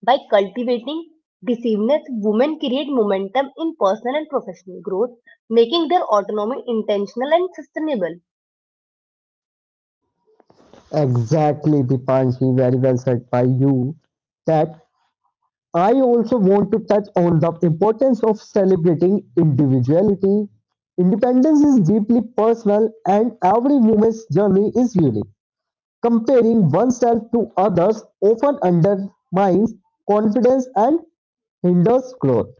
By cultivating decisiveness, women create momentum in personal and professional growth, making their autonomy intentional and sustainable. Exactly, Dipanshi. Very well said by you. That I also want to touch on the importance of celebrating individuality. Independence is deeply personal, and every woman's journey is unique. Comparing oneself to others often undermines confidence and hinders growth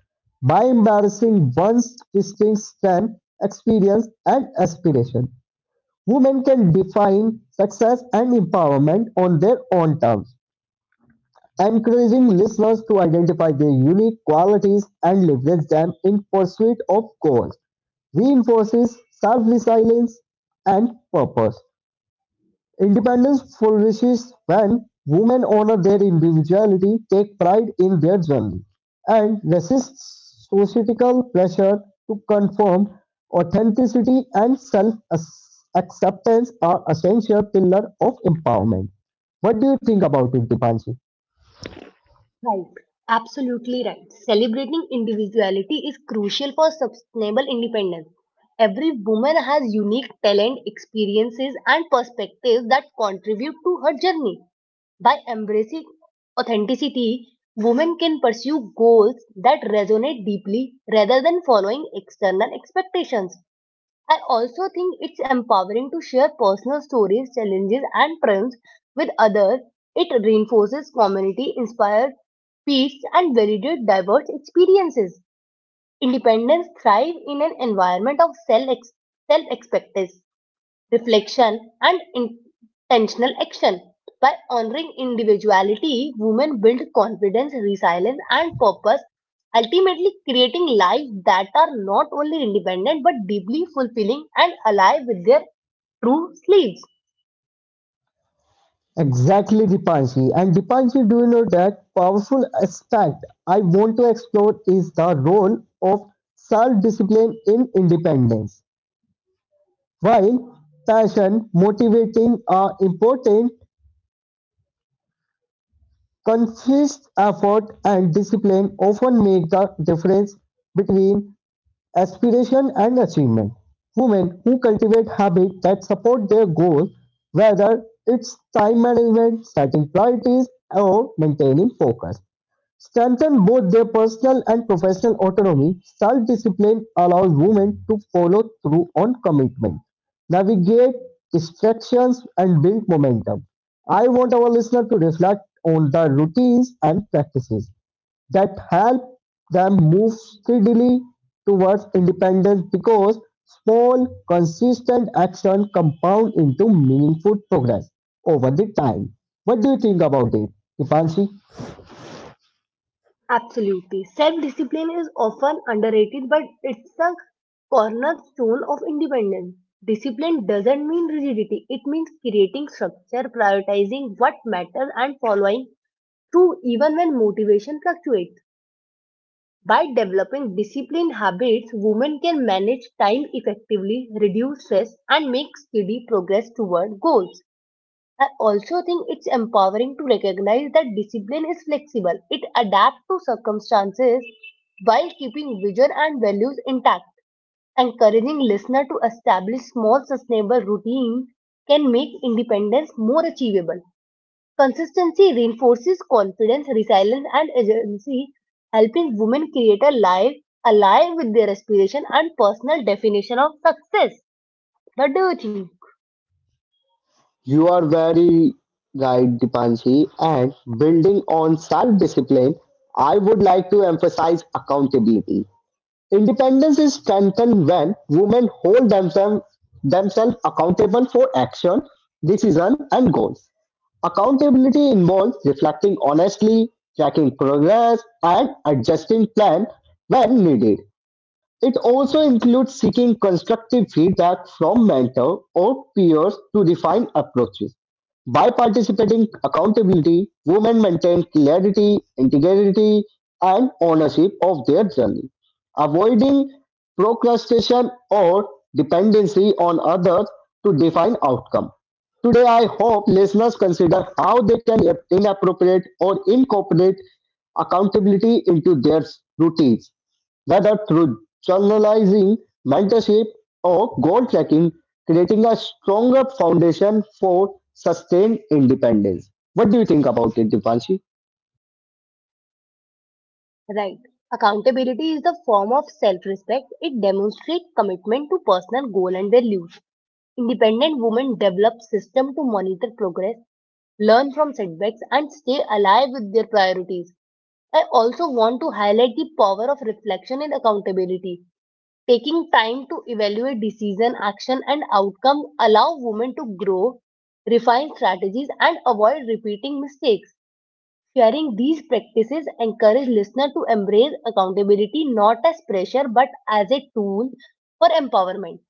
by embarrassing one's distinct strength, experience, and aspiration. Women can define success and empowerment on their own terms, encouraging listeners to identify their unique qualities and leverage them in pursuit of goals, reinforces self resilience and purpose. Independence flourishes when women honor their individuality, take pride in their journey, and resist societal pressure to conform. Authenticity and self acceptance are essential pillar of empowerment. What do you think about it, Dipanshi? Right, absolutely right. Celebrating individuality is crucial for sustainable independence. Every woman has unique talent, experiences, and perspectives that contribute to her journey. By embracing authenticity, women can pursue goals that resonate deeply rather than following external expectations. I also think it's empowering to share personal stories, challenges, and triumphs with others. It reinforces community, inspires peace, and validates diverse experiences. Independence thrives in an environment of self reflection, and intentional action. By honoring individuality, women build confidence, resilience, and purpose, ultimately creating lives that are not only independent but deeply fulfilling and alive with their true selves. Exactly, Dipanshi. And Dipanshi, do you know that powerful aspect I want to explore is the role of self-discipline in independence. While passion, motivating are important, conscious effort and discipline often make the difference between aspiration and achievement. Women who cultivate habits that support their goals, whether it's time management, setting priorities, or maintaining focus, strengthen both their personal and professional autonomy, self discipline allows women to follow through on commitment, navigate distractions, and build momentum. I want our listener to reflect on the routines and practices that help them move steadily towards independence because small, consistent action compound into meaningful progress over the time. What do you think about it, Dipanshi? Absolutely. Self discipline is often underrated, but it's a cornerstone of independence. Discipline doesn't mean rigidity, it means creating structure, prioritizing what matters, and following true, even when motivation fluctuates. By developing disciplined habits, women can manage time effectively, reduce stress, and make steady progress toward goals. I also think it's empowering to recognize that discipline is flexible. It adapts to circumstances while keeping vision and values intact. Encouraging listener to establish small sustainable routines can make independence more achievable. Consistency reinforces confidence, resilience, and agency, helping women create a life aligned with their aspiration and personal definition of success. What do you think? You are very right, Dipanshi. And building on self discipline, I would like to emphasize accountability. Independence is strengthened when women hold themselves accountable for action, decision, and goals. Accountability involves reflecting honestly, tracking progress, and adjusting plan when needed. It also includes seeking constructive feedback from mentors or peers to refine approaches. By participating accountability, women maintain clarity, integrity, and ownership of their journey, avoiding procrastination or dependency on others to define outcome. Today, I hope listeners consider how they can inappropriate or incorporate accountability into their routines whether through journalizing, mentorship, or goal tracking, creating a stronger foundation for sustained independence. What do you think about it, Dipanshi? Right. Accountability is the form of self-respect. It demonstrates commitment to personal goal and their use. Independent women develop system to monitor progress, learn from setbacks, and stay alive with their priorities. I also want to highlight the power of reflection in accountability. Taking time to evaluate decision, action, and outcome allow women to grow, refine strategies, and avoid repeating mistakes. Sharing these practices encourage listeners to embrace accountability not as pressure but as a tool for empowerment.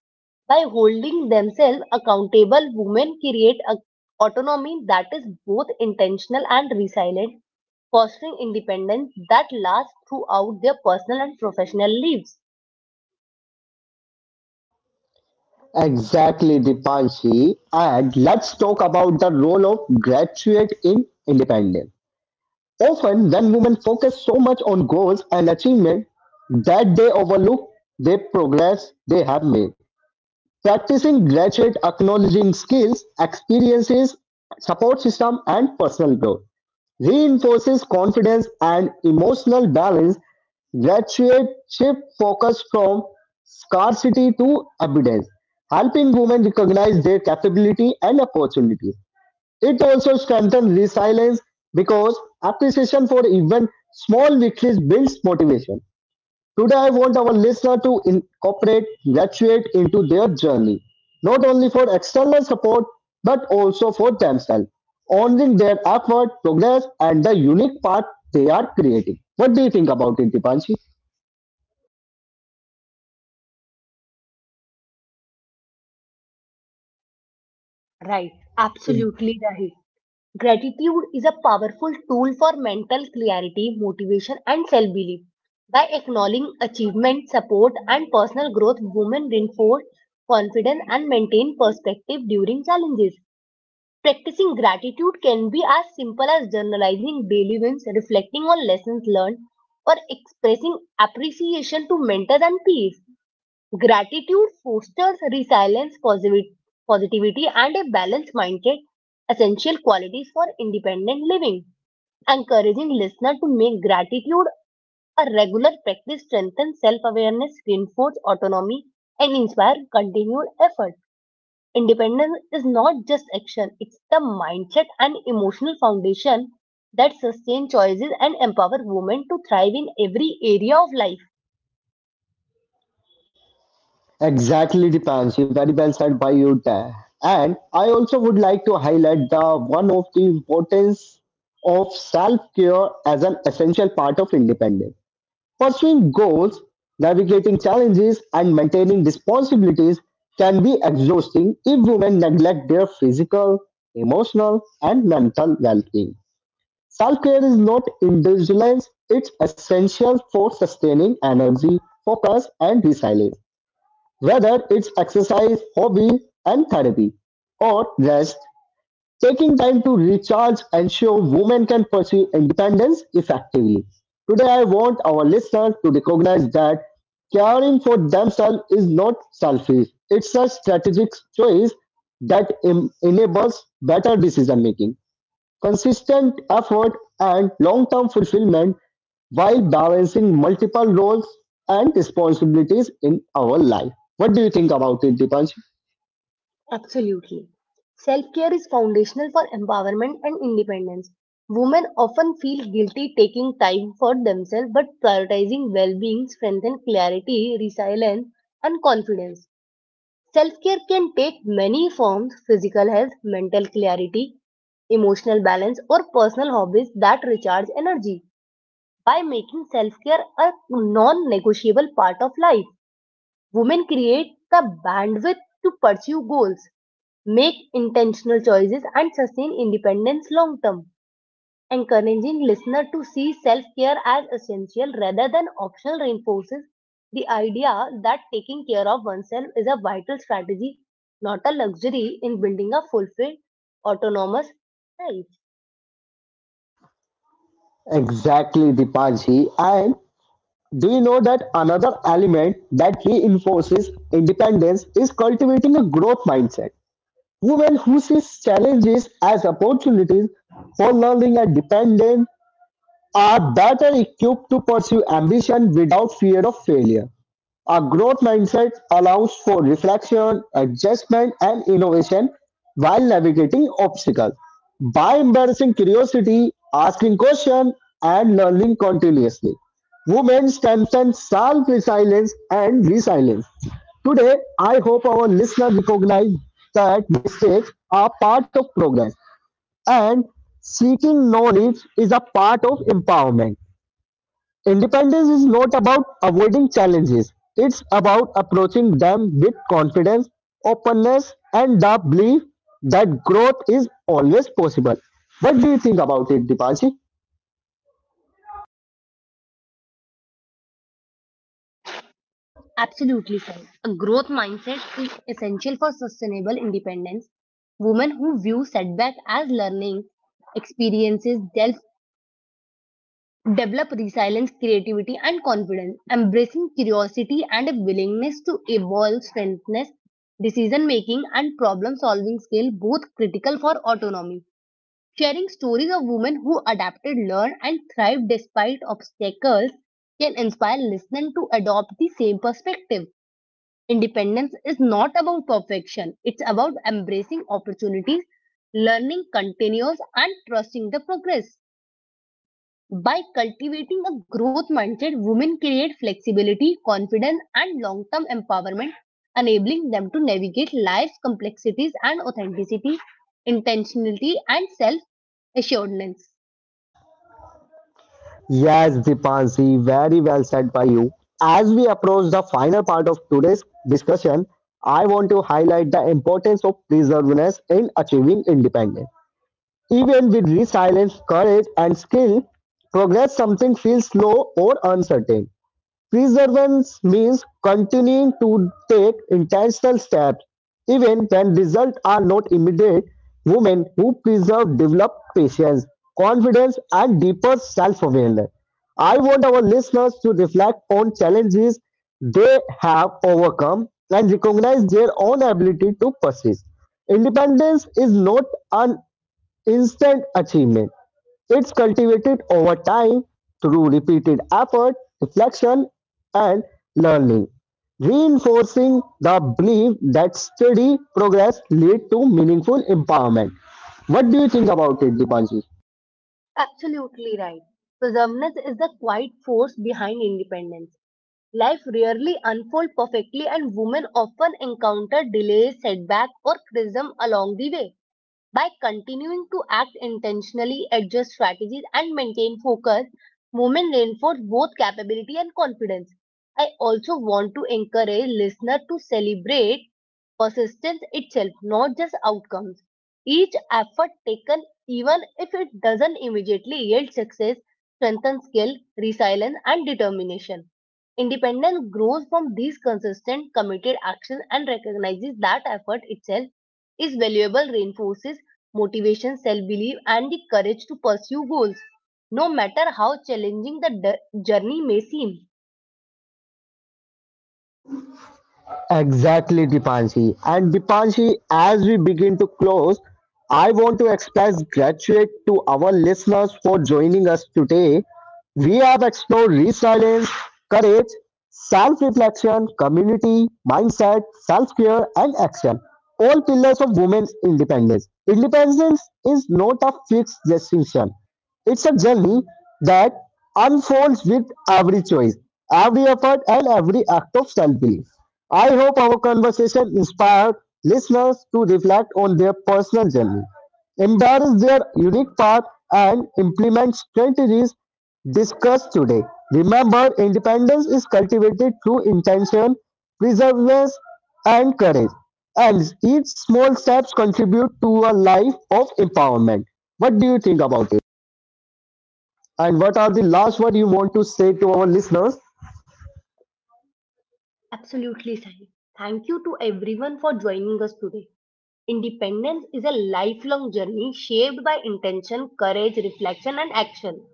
By holding themselves accountable, women create a autonomy that is both intentional and resilient, fostering independence that lasts throughout their personal and professional lives. Exactly, Dipanshi. And let's talk about the role of graduate in independence. Often, when women focus so much on goals and achievement that they overlook their progress they have made. Practicing gratitude, acknowledging skills, experiences, support system, and personal growth reinforces confidence and emotional balance. Gratitude shift focus from scarcity to abundance, helping women recognize their capability and opportunities. It also strengthens resilience because appreciation for even small victories builds motivation. Today, I want our listener to incorporate gratitude into their journey, not only for external support, but also for themselves, honoring their effort, progress, and the unique path they are creating. What do you think about it, Dipanshi? Right, Is- absolutely right. Gratitude is a powerful tool for mental clarity, motivation, and self belief. By acknowledging achievement, support, and personal growth, women reinforce confidence and maintain perspective during challenges. Practicing gratitude can be as simple as journalizing daily wins, reflecting on lessons learned, or expressing appreciation to mentors and peers. Gratitude fosters resilience, positivity, and a balanced mindset, essential qualities for independent living. Encouraging listener to make gratitude a regular practice strengthens self-awareness, reinforces autonomy, and inspires continued effort. Independence is not just action; it's the mindset and emotional foundation that sustain choices and empower women to thrive in every area of life. Exactly, Dipanshi. Very well said by you there. And I also would like to highlight the one of the importance of self-care as an essential part of independence. Pursuing goals, navigating challenges, and maintaining responsibilities can be exhausting if women neglect their physical, emotional, and mental well being. Self care is not indulgence, it's essential for sustaining energy, focus, and resilience. Whether it's exercise, hobby, and therapy, or rest, taking time to recharge ensure women can pursue independence effectively. Today, I want our listeners to recognize that caring for themselves is not selfish; it's a strategic choice that enables better decision making, consistent effort, and long term fulfillment while balancing multiple roles and responsibilities in our life. What do you think about it, Dipanji? Absolutely. Self care is foundational for empowerment and independence. Women often feel guilty taking time for themselves, but prioritizing well being strengthens clarity, resilience, and confidence. Self care can take many forms physical health, mental clarity, emotional balance, or personal hobbies that recharge energy by making self care a non negotiable part of life. Women create the bandwidth to pursue goals, make intentional choices, and sustain independence long term, encouraging listeners to see self care as essential rather than optional reinforces the idea that taking care of oneself is a vital strategy, not a luxury, in building a fulfilled, autonomous life. Exactly, Dipanji. And do you know that another element that reinforces independence is cultivating a growth mindset? Women who see challenges as opportunities for learning and independence are better equipped to pursue ambition without fear of failure. A growth mindset allows for reflection, adjustment, and innovation while navigating obstacles. By embracing curiosity, asking questions, and learning continuously, women strengthen self resilience and resilience. Today, I hope our listeners recognize that mistakes are part of progress and seeking knowledge is a part of empowerment. Independence is not about avoiding challenges. It's about approaching them with confidence, openness, and the belief that growth is always possible. What do you think about it, Dipanshi? Absolutely, Sai. A growth mindset is essential for sustainable independence. Women who view setback as learning experiences develop resilience, creativity, and confidence. Embracing curiosity and a willingness to evolve strengthens decision making and problem solving skill, both critical for autonomy. Sharing stories of women who adapted, learned, and thrived despite obstacles can inspire listeners to adopt the same perspective. Independence is not about perfection, it's about embracing opportunities, learning continuous, and trusting the progress. By cultivating a growth mindset, women create flexibility, confidence, and long term empowerment, enabling them to navigate life's complexities and authenticity, intentionality, and self assuredness. Yes, Dipanshi, very well said by you. As we approach the final part of today's discussion, I want to highlight the importance of perseverance in achieving independence. Even with resilience, courage, and skill, progress something feels slow or uncertain. Perseverance means continuing to take intentional steps, even when results are not immediate. Women who preserve develop patience, confidence, and deeper self awareness. I want our listeners to reflect on challenges they have overcome and recognize their own ability to persist. Independence is not an instant achievement, it's cultivated over time through repeated effort, reflection, and learning, reinforcing the belief that steady progress leads to meaningful empowerment. What do you think about it, Dipanshi? Absolutely right. Perseverance is the quiet force behind independence. Life rarely unfolds perfectly and women often encounter delays, setbacks or criticism along the way. By continuing to act intentionally, adjust strategies, and maintain focus, women reinforce both capability and confidence. I also want to encourage listeners to celebrate persistence itself, not just outcomes. Each effort taken, even if it doesn't immediately yield success, strengthens skill, resilience, and determination. Independence grows from these consistent, committed actions and recognizes that effort itself is valuable reinforces motivation, self-belief and the courage to pursue goals, no matter how challenging the journey may seem. Exactly, Dipanshi. And Dipanshi, as we begin to close, I want to express gratitude to our listeners for joining us today. We have explored resilience, courage, self-reflection, community, mindset, self-care and action, all pillars of women's independence. Independence is not a fixed destination. It's a journey that unfolds with every choice, every effort and every act of self-belief. I hope our conversation inspired listeners to reflect on their personal journey, embrace their unique path, and implement strategies discussed today. Remember, independence is cultivated through intention, perseverance, and courage, and each small steps contribute to a life of empowerment. What do you think about it? And what are the last words you want to say to our listeners? Absolutely, Sai. Thank you to everyone for joining us today. Independence is a lifelong journey shaped by intention, courage, reflection, and action.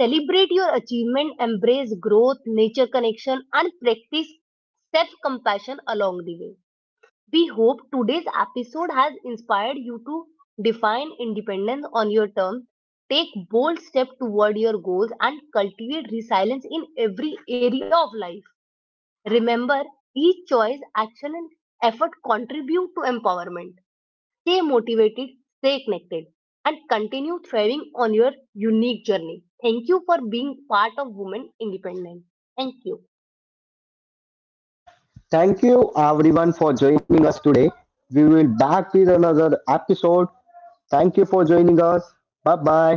Celebrate your achievement, embrace growth, nature connection, and practice self compassion along the way. We hope today's episode has inspired you to define independence on your terms, take bold steps toward your goals, and cultivate resilience in every area of life. Remember, each choice, action, and effort contribute to empowerment. Stay motivated, stay connected, and continue thriving on your unique journey. Thank you for being part of Women Independent. Thank you. Thank you everyone for joining us today. We will back with another episode. Thank you for joining us. Bye bye.